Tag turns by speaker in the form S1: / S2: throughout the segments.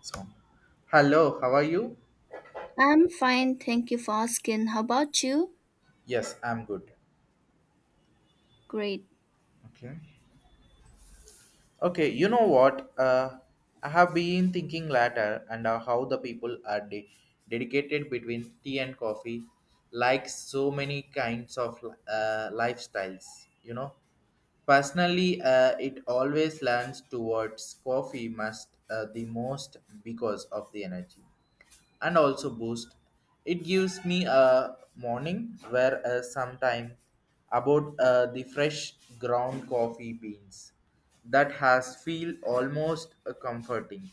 S1: So, hello, how are you?
S2: I'm fine, thank you for asking. How about you?
S1: Yes, I'm good.
S2: Great.
S1: Okay. Okay, you know what? I have been thinking later and how the people are dedicated between tea and coffee, like so many kinds of lifestyles, you know. Personally, it always leans towards coffee must the most because of the energy and also boost. It gives me a morning where sometime about the fresh ground coffee beans that has feel almost comforting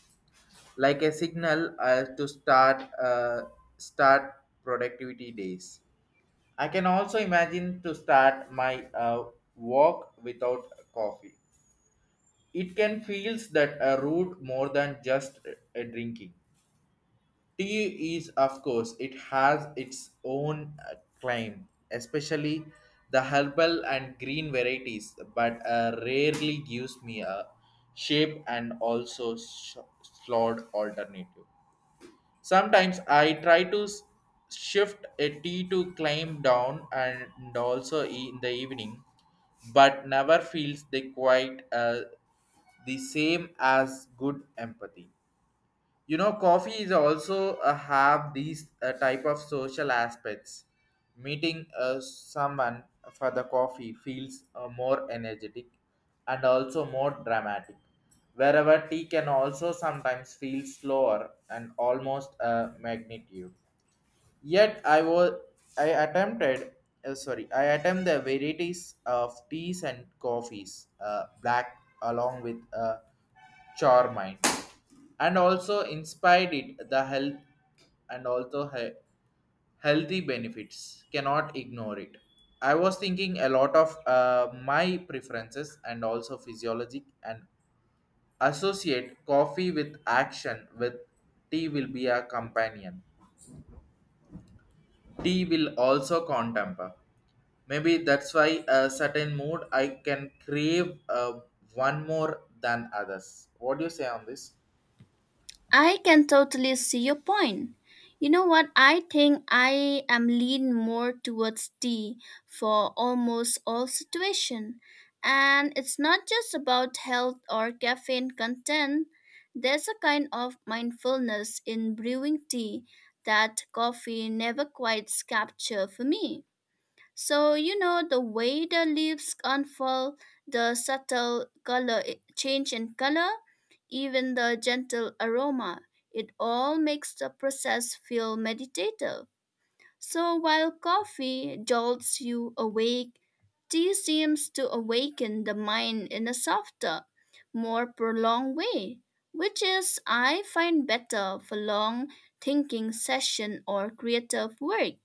S1: like a signal to start productivity days. I can also imagine to start my walk without coffee. It can feels that a route more than just a drinking. Tea is, of course, it has its own claim, especially the herbal and green varieties, but rarely gives me a shape and also slot alternative. Sometimes I try to shift a tea to climb down and also in the evening, but never feels they quite the same as good empathy. Coffee is also have these type of social aspects meeting someone for the coffee feels more energetic and also more dramatic wherever tea can also sometimes feel slower and almost magnitude. Yet I attempted sorry I attempt the varieties of teas and coffees black along with charmine and also inspired it the health and also healthy benefits cannot ignore it. I was thinking a lot of my preferences and also physiologic and associate coffee with action with tea will be a companion tea will also contemper. Maybe that's why a certain mood I can crave one more than others. What do you say on this?
S2: I can totally see your point. You know what? I think I am lean more towards D for almost all situation. And it's not just about health or caffeine content. There's a kind of mindfulness in brewing tea that coffee never quite capture for me. So, you know, the way the leaves unfold, the subtle color change in color, even the gentle aroma, it all makes the process feel meditative. So, while coffee jolts you awake, tea seems to awaken the mind in a softer, more prolonged way, which is I find better for long thinking session or creative work.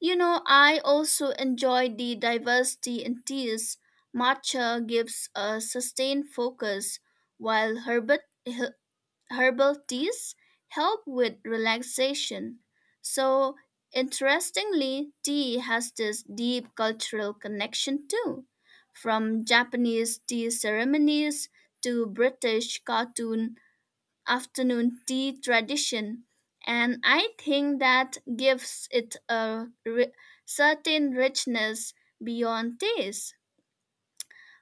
S2: You know, I also enjoy the diversity in teas. Matcha gives a sustained focus, while herbal teas help with relaxation. So, interestingly, tea has this deep cultural connection too, from Japanese tea ceremonies to British cartoon afternoon tea tradition, and I think that gives it a certain richness beyond taste.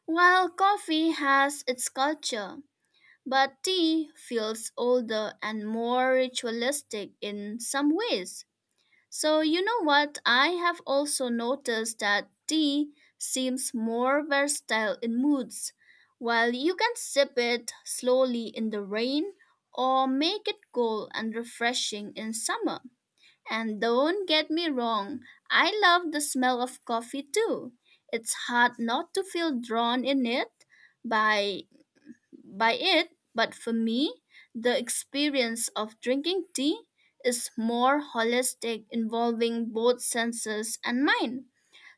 S2: While coffee has its culture, but tea feels older and more ritualistic in some ways. So, you know what? I have also noticed that tea seems more versatile in moods. While you can sip it slowly in the rain or make it cool and refreshing in summer. And don't get me wrong, I love the smell of coffee too. It's hard not to feel drawn in it by by it, but for me, the experience of drinking tea is more holistic, involving both senses and mind.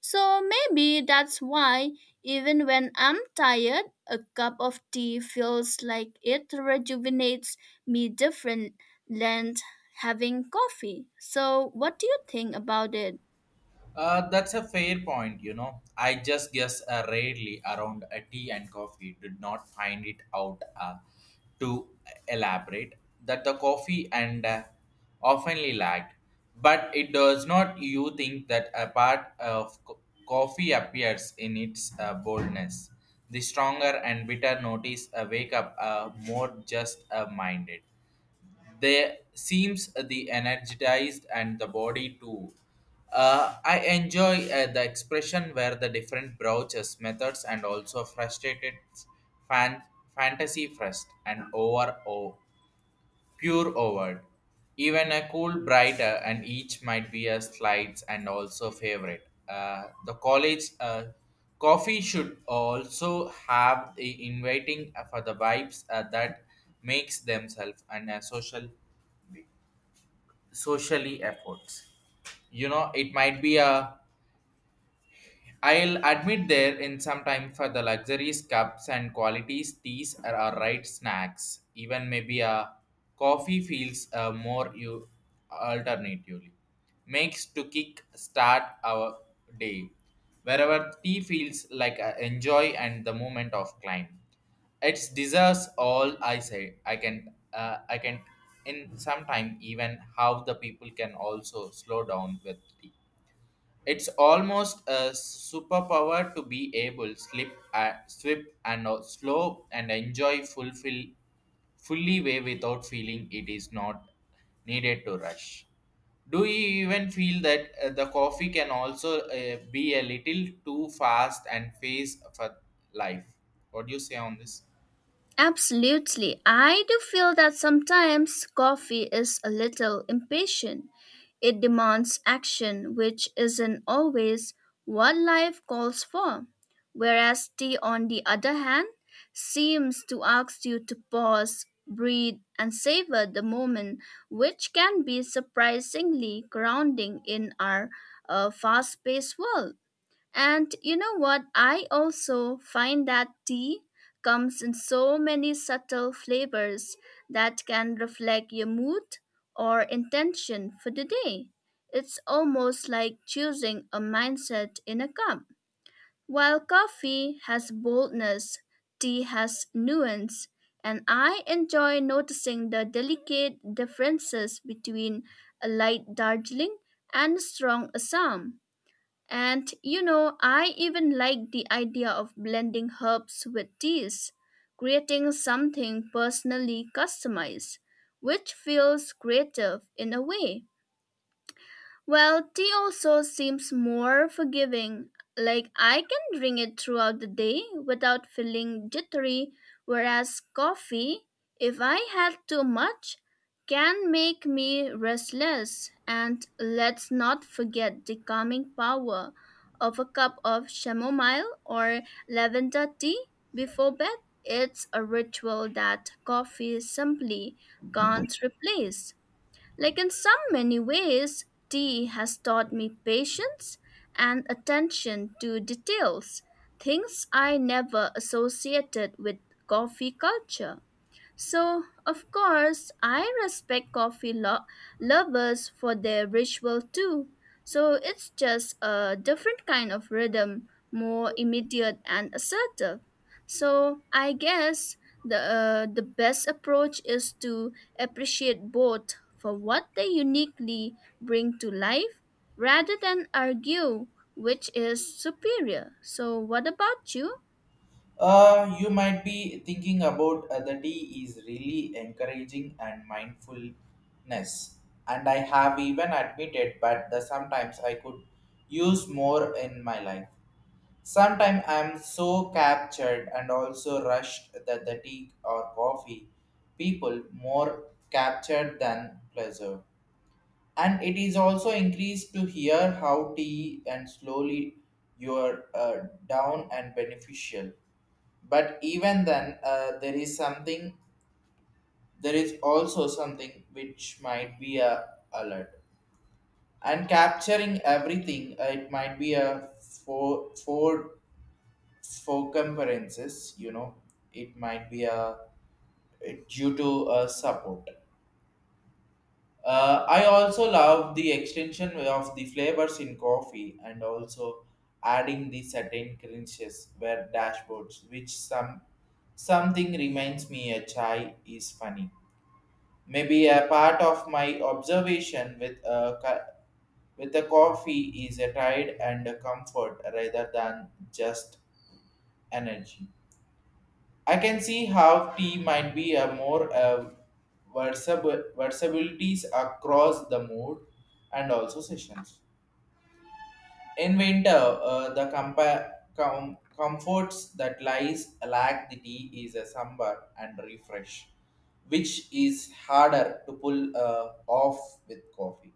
S2: So maybe that's why, even when I'm tired, a cup of tea feels like it rejuvenates me different than having coffee. So, what do you think about it?
S1: That's a fair point, you know. I just guess rarely around a tea and coffee did not find it out to elaborate that the coffee and oftenly lagged. But it does not you think that a part of coffee appears in its boldness. The stronger and bitter notice wake up more just minded. They seems the energized and the body too. I enjoy the expression where the different browsers methods and also frustrated fan fantasy first and over o pure over. Even a cool brighter and each might be a slides and also favorite. The college coffee should also have the inviting for the vibes that makes themselves and a socially efforts it might be a I'll admit there in some time for the luxuries, cups and qualities, teas are our right snacks. Even maybe a coffee feels more you alternatively. Makes to kick start our day. Wherever tea feels like a enjoy and the moment of climb. It deserves all I say. I can in some time even how the people can also slow down with tea. It's almost a superpower to be able slip, swift and slow and enjoy fulfill fully way without feeling it is not needed to rush. Do you even feel that the coffee can also be a little too fast and face for life? What do you say on this?
S2: Absolutely. I do feel that sometimes coffee is a little impatient. It demands action, which isn't always what life calls for. Whereas tea, on the other hand, seems to ask you to pause, breathe, and savor the moment, which can be surprisingly grounding in our fast paced world. And you know what? I also find that tea comes in so many subtle flavors that can reflect your mood or intention for the day. It's almost like choosing a mindset in a cup. While coffee has boldness, tea has nuance, and I enjoy noticing the delicate differences between a light Darjeeling and a strong Assam. And you know, I even like the idea of blending herbs with teas, creating something personally customized, which feels creative in a way. Well, tea also seems more forgiving. Like I can drink it throughout the day without feeling jittery, whereas coffee, if I had too much, can make me restless. And let's not forget the calming power of a cup of chamomile or lavender tea before bed. It's a ritual that coffee simply can't replace. Like in some many ways, tea has taught me patience and attention to details, things I never associated with coffee culture. So, of course, I respect coffee lovers for their ritual too. So, it's just a different kind of rhythm, more immediate and assertive. So, I guess the best approach is to appreciate both for what they uniquely bring to life rather than argue which is superior. So, what about you?
S1: You might be thinking about the tea is really encouraging and mindfulness, and I have even admitted, but the sometimes I could use more in my life. Sometimes I am so captured and also rushed that the tea or coffee people more captured than pleasure and it is also increased to hear how tea and slowly you're down and beneficial but even then there is something there is also something which might be a alert and capturing everything it might be a four four four conferences it might be a it due to a support. I also love the extension of the flavors in coffee and also adding the certain crunches where dashboards, which something reminds me a chai is funny. Maybe a part of my observation with a coffee is a tide and a comfort rather than just energy. I can see how tea might be a more versatility across the mood and also sessions. In winter, the comforts that lies lack the tea is a summer and refresh, which is harder to pull off with coffee.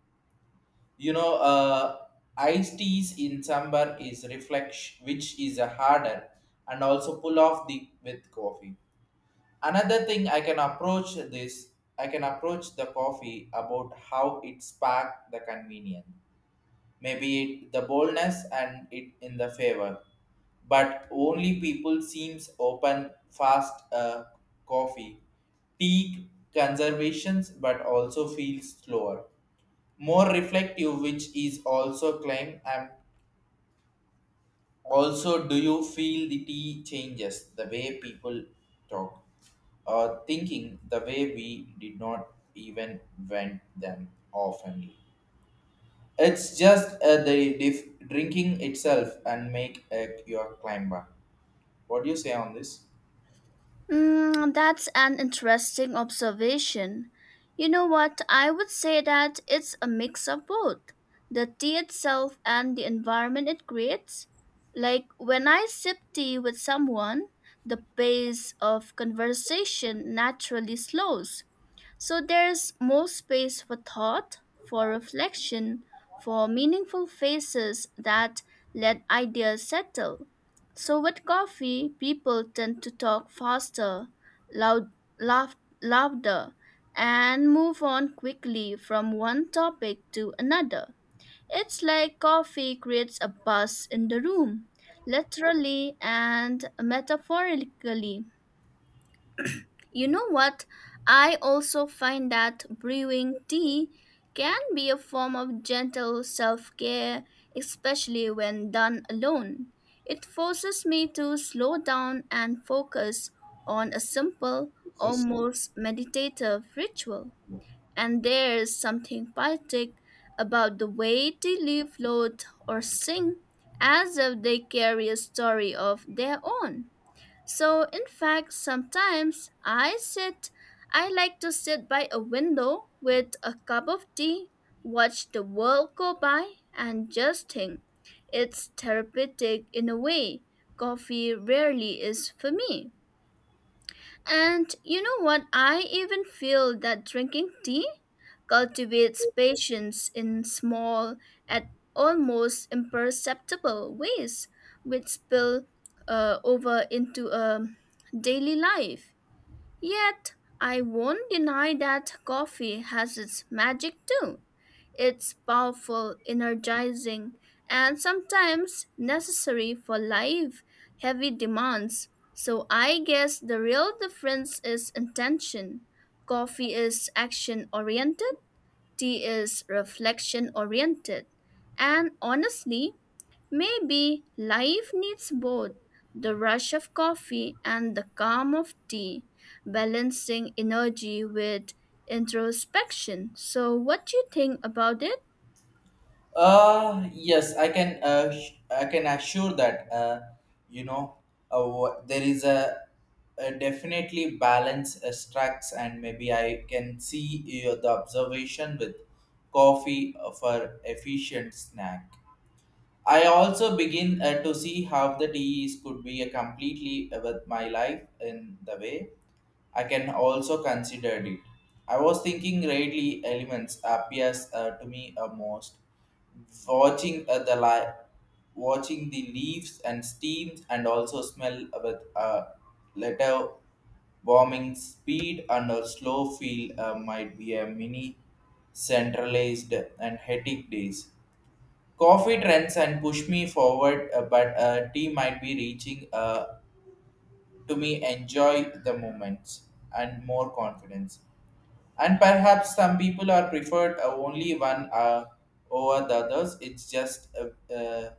S1: You know, iced teas in summer is reflex, which is a harder and also pull off the with coffee. Another thing I can approach the coffee about how it sparked the convenience. Maybe it, the boldness and it in the favor. But only people seems open fast coffee. Tea conservations but also feels slower. More reflective which is also claim I'm also. Do you feel the tea changes the way people talk or thinking the way we did not even vent them often? It's just the drinking itself and make your climber. What do you say on this?
S2: Mm, that's an interesting observation. You know what? I would say that it's a mix of both the tea itself and the environment it creates. Like when I sip tea with someone, the pace of conversation naturally slows so there's more space for thought, for reflection, for meaningful faces that let ideas settle. So with coffee, people tend to talk faster, loud, laugh, louder, and move on quickly from one topic to another. It's like coffee creates a buzz in the room, literally and metaphorically. You know what? I also find that brewing tea can be a form of gentle self care, especially when done alone. It forces me to slow down and focus on a simple, almost meditative ritual. And there is something poetic about the way they leaves float or sing as if they carry a story of their own. So, in fact, I like to sit by a window with a cup of tea, watch the world go by, and just think. It's therapeutic in a way. Coffee rarely is for me. And you know what? I even feel that drinking tea cultivates patience in small and almost imperceptible ways, which spill over into daily life. Yet, I won't deny that coffee has its magic too. It's powerful, energizing, and sometimes necessary for life heavy demands. So I guess the real difference is intention. Coffee is action oriented, tea is reflection oriented. And honestly, maybe life needs both the rush of coffee and the calm of tea, balancing energy with introspection. So, what do you think about it?
S1: Yes, I can. I can assure that. You know, there is a definitely balance strikes, and maybe I can see the observation with coffee for efficient snack. I also begin to see how the DEs could be a completely with my life in the way I can also consider it. I was thinking rarely elements appears to me most. Watching uh, the li- Watching the leaves and steams and also smell with letter warming speed and a slow feel might be a mini centralized and hectic days. Coffee trends and push me forward, but tea might be reaching to me enjoy the moments and more confidence. And perhaps some people are preferred only one over the others. It's just uh, uh,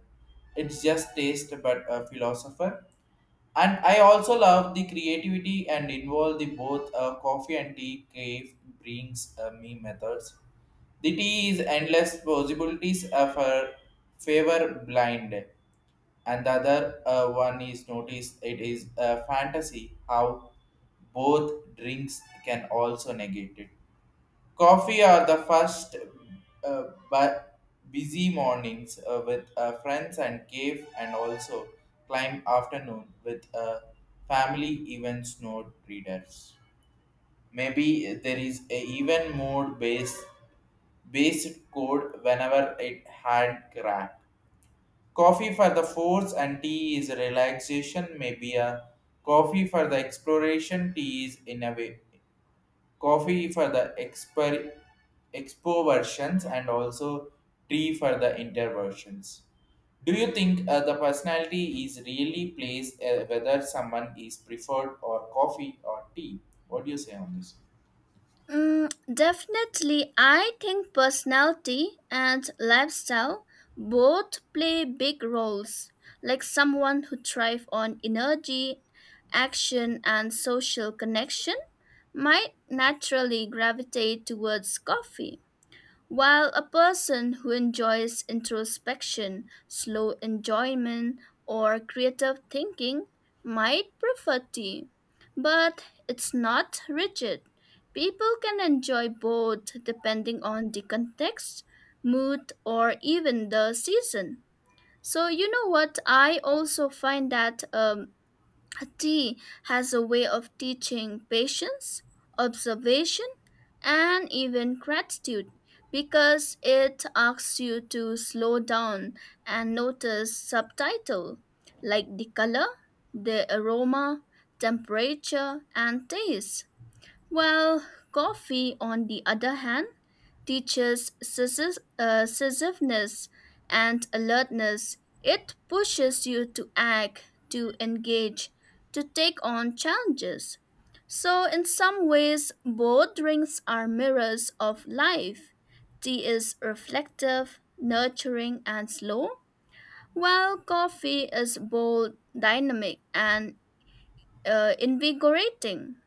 S1: it's just taste, but a philosopher and I also love the creativity and involve the both coffee and tea cave brings me methods the tea is endless possibilities of her favor blind and the other one is noticed it is a fantasy how both drinks can also negate it. Coffee are the first uh, but busy mornings with friends and cave and also climb afternoon with family events note readers. Maybe there is a even more based code whenever it had cracked. Coffee for the force and tea is relaxation, maybe a coffee for the exploration, coffee for the expo versions and also tea for the inter versions. Do you think the personality is really plays whether someone is preferred or coffee or tea? What do you say on this?
S2: Mm, definitely, I think personality and lifestyle both play big roles. Like someone who thrives on energy, action, and social connection might naturally gravitate towards coffee. While a person who enjoys introspection, slow enjoyment, or creative thinking might prefer tea, but it's not rigid. People can enjoy both depending on the context, mood, or even the season. So, you know what? I also find that tea has a way of teaching patience, observation, and even gratitude because it asks you to slow down and notice subtitle like the color, the aroma, temperature, and taste. While coffee, on the other hand, teaches decisiveness and alertness. It pushes you to act, to engage, to take on challenges. So, in some ways, both drinks are mirrors of life. Tea is reflective, nurturing, and slow, while coffee is bold, dynamic, and invigorating.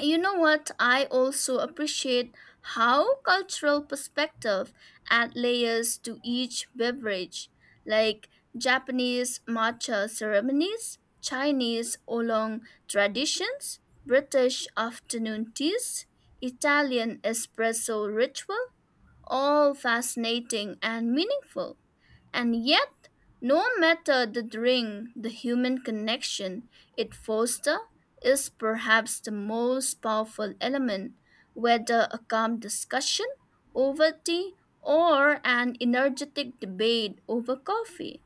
S2: You know what? I also appreciate how cultural perspective add layers to each beverage, like Japanese matcha ceremonies, Chinese oolong traditions, British afternoon teas, Italian espresso ritual, all fascinating and meaningful. And yet, no matter the drink, the human connection it fosters is perhaps the most powerful element, whether a calm discussion over tea or an energetic debate over coffee.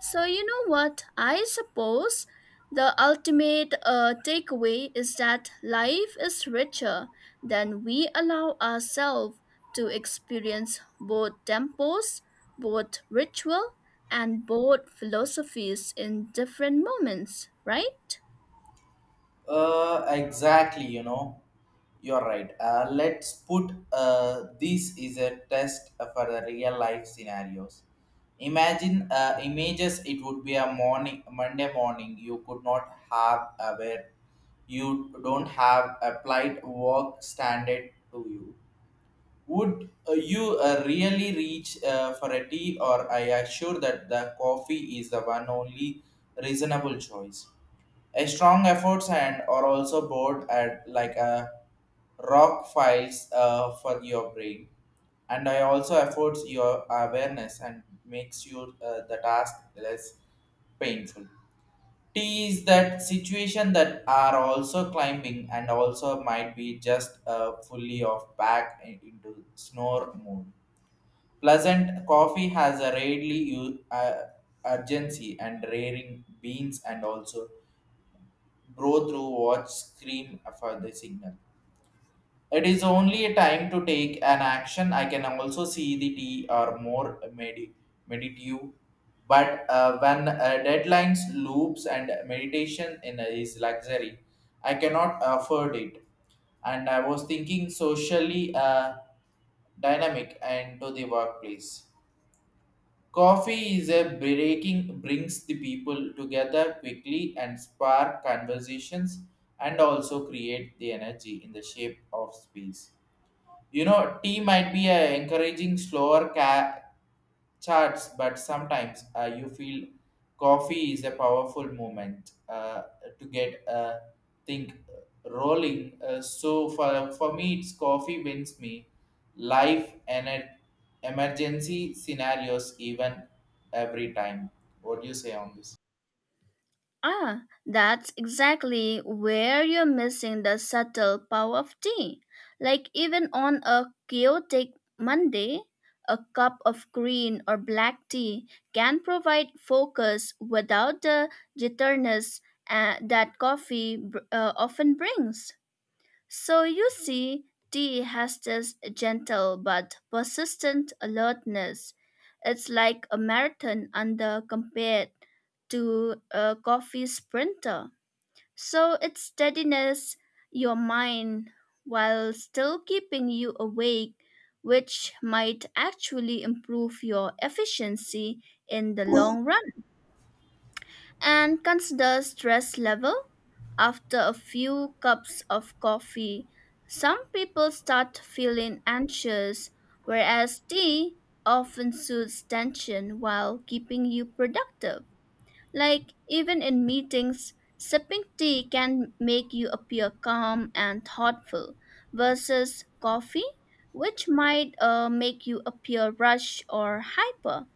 S2: So, you know what? I suppose the ultimate takeaway is that life is richer than we allow ourselves to experience both temples, both ritual, and both philosophies in different moments, right?
S1: Exactly, you know, you're right. Let's put this is a test for the real life scenarios. Imagine images. It would be a morning, Monday morning. You could not have a where you don't have applied work standard to you would you really reach for a tea, or I assure that the coffee is the one only reasonable choice? A strong efforts and are also bored at like a rock files for your brain, and I also efforts your awareness and makes you the task less painful. T is that situation that are also climbing and also might be just fully off back into snore mode. Pleasant coffee has a rarely urgency and raring beans and also bro through watch scream for the signal. It is only a time to take an action. I can also see the tea are more meditative. But when deadlines, loops, and meditation in is luxury, I cannot afford it. And I was thinking socially dynamic and to the workplace. Coffee is a breaking brings the people together quickly and spark conversations and also create the energy in the shape of space. You know, tea might be encouraging slower charts, but sometimes you feel coffee is a powerful moment to get think rolling. So for me, it's coffee wins me. Life and emergency scenarios even every time. What do you say on this?
S2: Ah, that's exactly where you're missing the subtle power of tea. Like, even on a chaotic Monday, a cup of green or black tea can provide focus without the jitteriness that coffee often brings. So you see, tea has this gentle but persistent alertness. It's like a marathon under compared to a coffee sprinter. So it steadiness your mind while still keeping you awake, which might actually improve your efficiency in the long run and consider stress level. After a few cups of coffee, some people start feeling anxious, whereas tea often soothes tension while keeping you productive. Like, even in meetings, sipping tea can make you appear calm and thoughtful, versus coffee, which might make you appear rushed or hyper.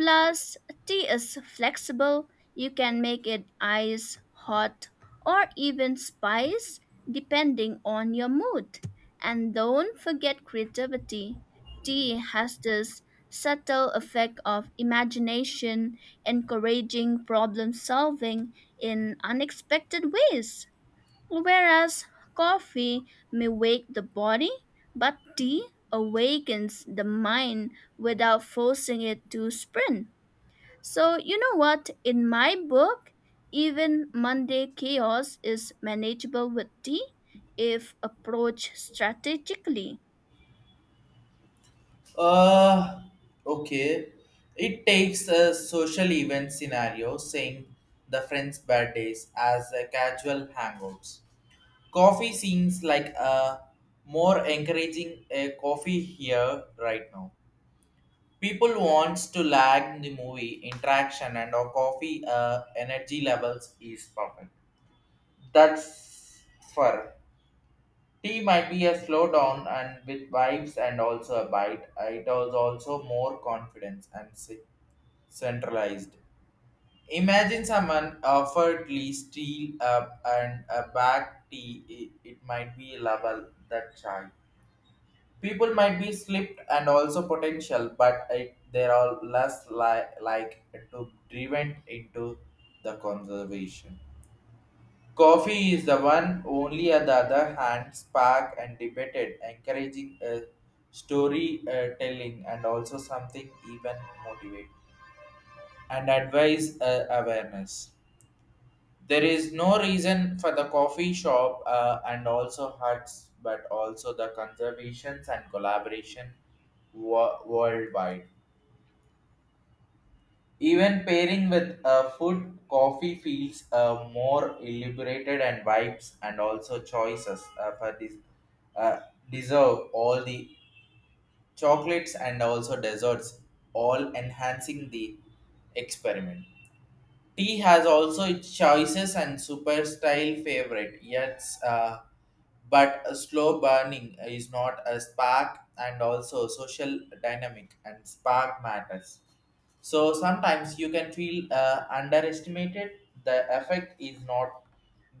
S2: Plus, tea is flexible. You can make it ice, hot, or even spice depending on your mood. And don't forget creativity. Tea has this subtle effect of imagination, encouraging problem solving in unexpected ways. Whereas coffee may wake the body, but tea awakens the mind without forcing it to sprint. So, you know what? In my book, even Monday chaos is manageable with tea if approached strategically.
S1: Uh, okay. It takes a social event scenario, saying the friends' birthdays as a casual hangouts. Coffee seems like a more encouraging a coffee here right now. People wants to lag the movie interaction and our coffee energy levels is perfect. That's fur. Tea might be a slowdown and with vibes and also a bite. It was also more confidence and centralized. Imagine someone offeredly steal up and a bag tea. It might be level that chai. People might be slipped and also potential, but they are all less like to driven into the conservation. Coffee is the one only on the other hand spark and debated, encouraging a story telling and also something even motivate and advise awareness. There is no reason for the coffee shop and also huts, but also the conservations and collaboration worldwide. Even pairing with food, coffee feels more elaborated and vibes, and also choices for this uh, deserve all the chocolates and also desserts, all enhancing the experiment. Tea has also its choices and super style favorite, yet but a slow burning is not a spark and also social dynamic and spark matters so sometimes you can feel underestimated. The effect is not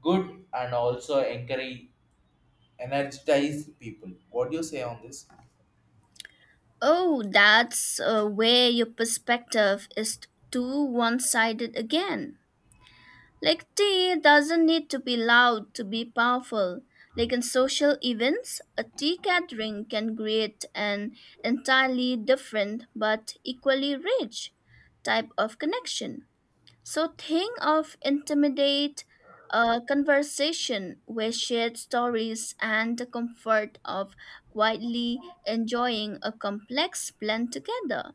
S1: good and also encourage energize people. What do you say on this?
S2: Oh, that's where your perspective is too one sided again. Like, tea doesn't need to be loud to be powerful. Like in social events, a tea gathering can create an entirely different but equally rich type of connection. So think of intimidate a conversation with shared stories and the comfort of quietly enjoying a complex blend together.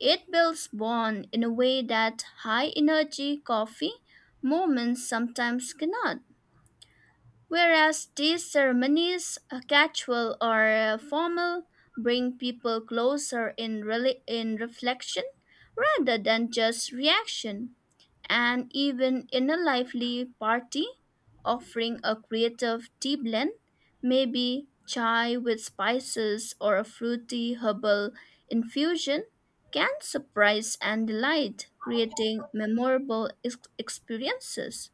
S2: It builds bond in a way that high energy coffee moments sometimes cannot. Whereas these ceremonies, casual or formal, bring people closer in reflection rather than just reaction and even in a lively party, offering a creative tea blend, maybe chai with spices or a fruity herbal infusion, can surprise and delight, creating memorable experiences.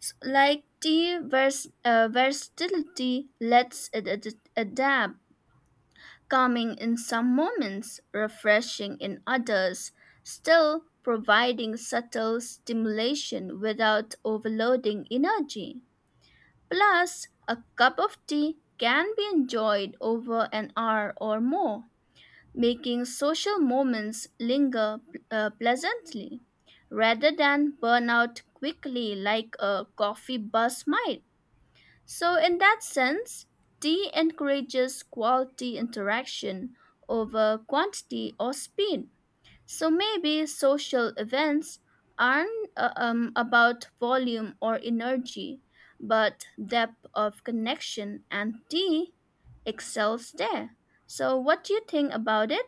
S2: Like tea versatility lets it adapt calming in some moments, refreshing in others, still providing subtle stimulation without overloading energy. Plus, a cup of tea can be enjoyed over an hour or more, making social moments linger pleasantly rather than burn out quickly like a coffee buzz might. So, in that sense, D encourages quality interaction over quantity or speed. So, maybe social events aren't about volume or energy, but depth of connection, and D excels there. So, what do you think about it?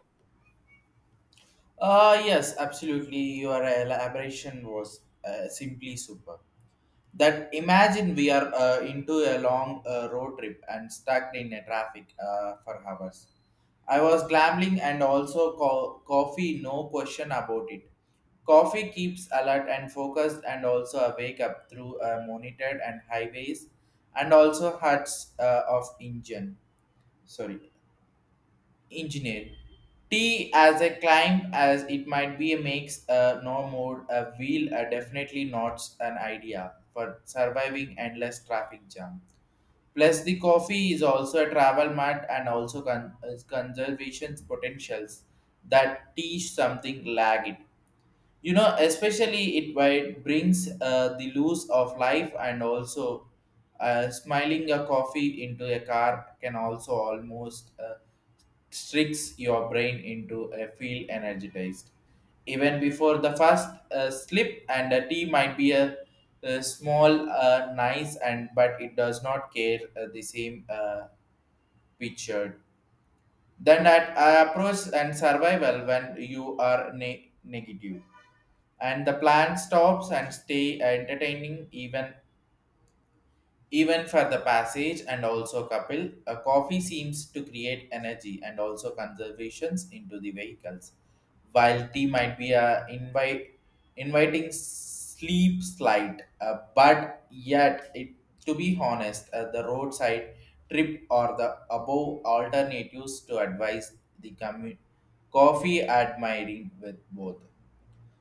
S1: Yes, absolutely. Your elaboration was simply super. That imagine we are into a long road trip and stuck in a traffic for hours. I was gambling and also coffee, no question about it. Coffee keeps alert and focused and also awake up through monitored and highways and also huts of sorry engineer. T as a climb as it might be a makes a no mode a wheel a definitely not an idea for surviving endless traffic jam. Plus the coffee is also a travel mat and also is conservation potentials that teach something lag it. You know, especially it brings the loose of life and also smiling a coffee into a car can also almost tricks your brain into a feel energized. Even before the first slip and a tea might be a small, nice, and but it does not care the same picture. Then at approach and survival when you are negative, and the plan stops and stay entertaining even. Even for the passage and also couple, a coffee seems to create energy and also conservations into the vehicles, while tea might be a inviting sleep slide. But yet, to be honest, the roadside trip or the above alternatives to advise the coffee admiring with both.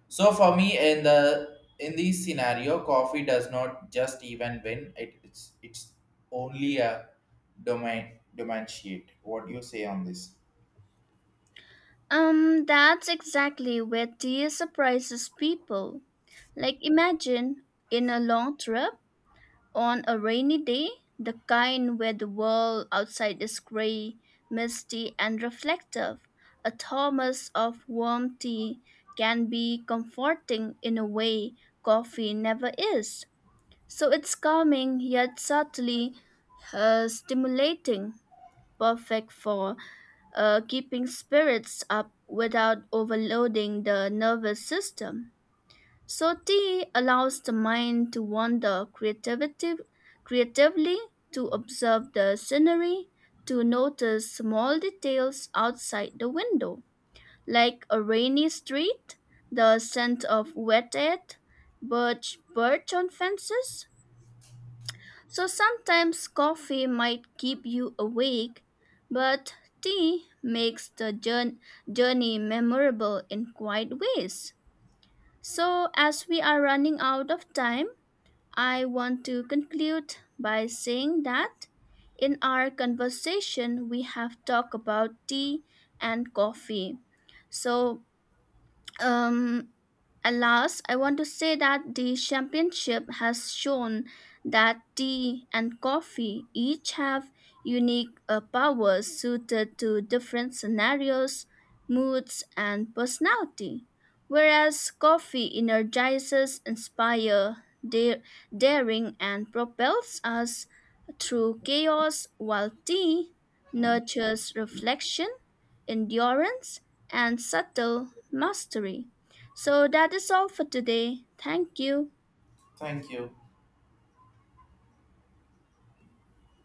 S1: So for me, in this scenario, coffee does not just even win. It's only a domain differentiate. What do you say on this?
S2: That's exactly where tea surprises people. Like, imagine in a long trip on a rainy day, the kind where the world outside is gray, misty, and reflective, a thermos of warm tea can be comforting in a way coffee never is. So it's calming yet subtly stimulating, perfect for keeping spirits up without overloading the nervous system. So tea allows the mind to wander creatively, to observe the scenery, to notice small details outside the window, like a rainy street, the scent of wet air, birch on fences. So sometimes coffee might keep you awake, but tea makes the journey memorable in quiet ways. So as we are running out of time, I want to conclude by saying that in our conversation we have talked about tea and coffee. So um, at last, I want to say that the championship has shown that tea and coffee each have unique powers suited to different scenarios, moods, and personality. Whereas coffee energizes, inspires, daring, and propels us through chaos, while tea nurtures reflection endurance, and subtle mastery. So that is all for today. Thank you.
S1: Thank you.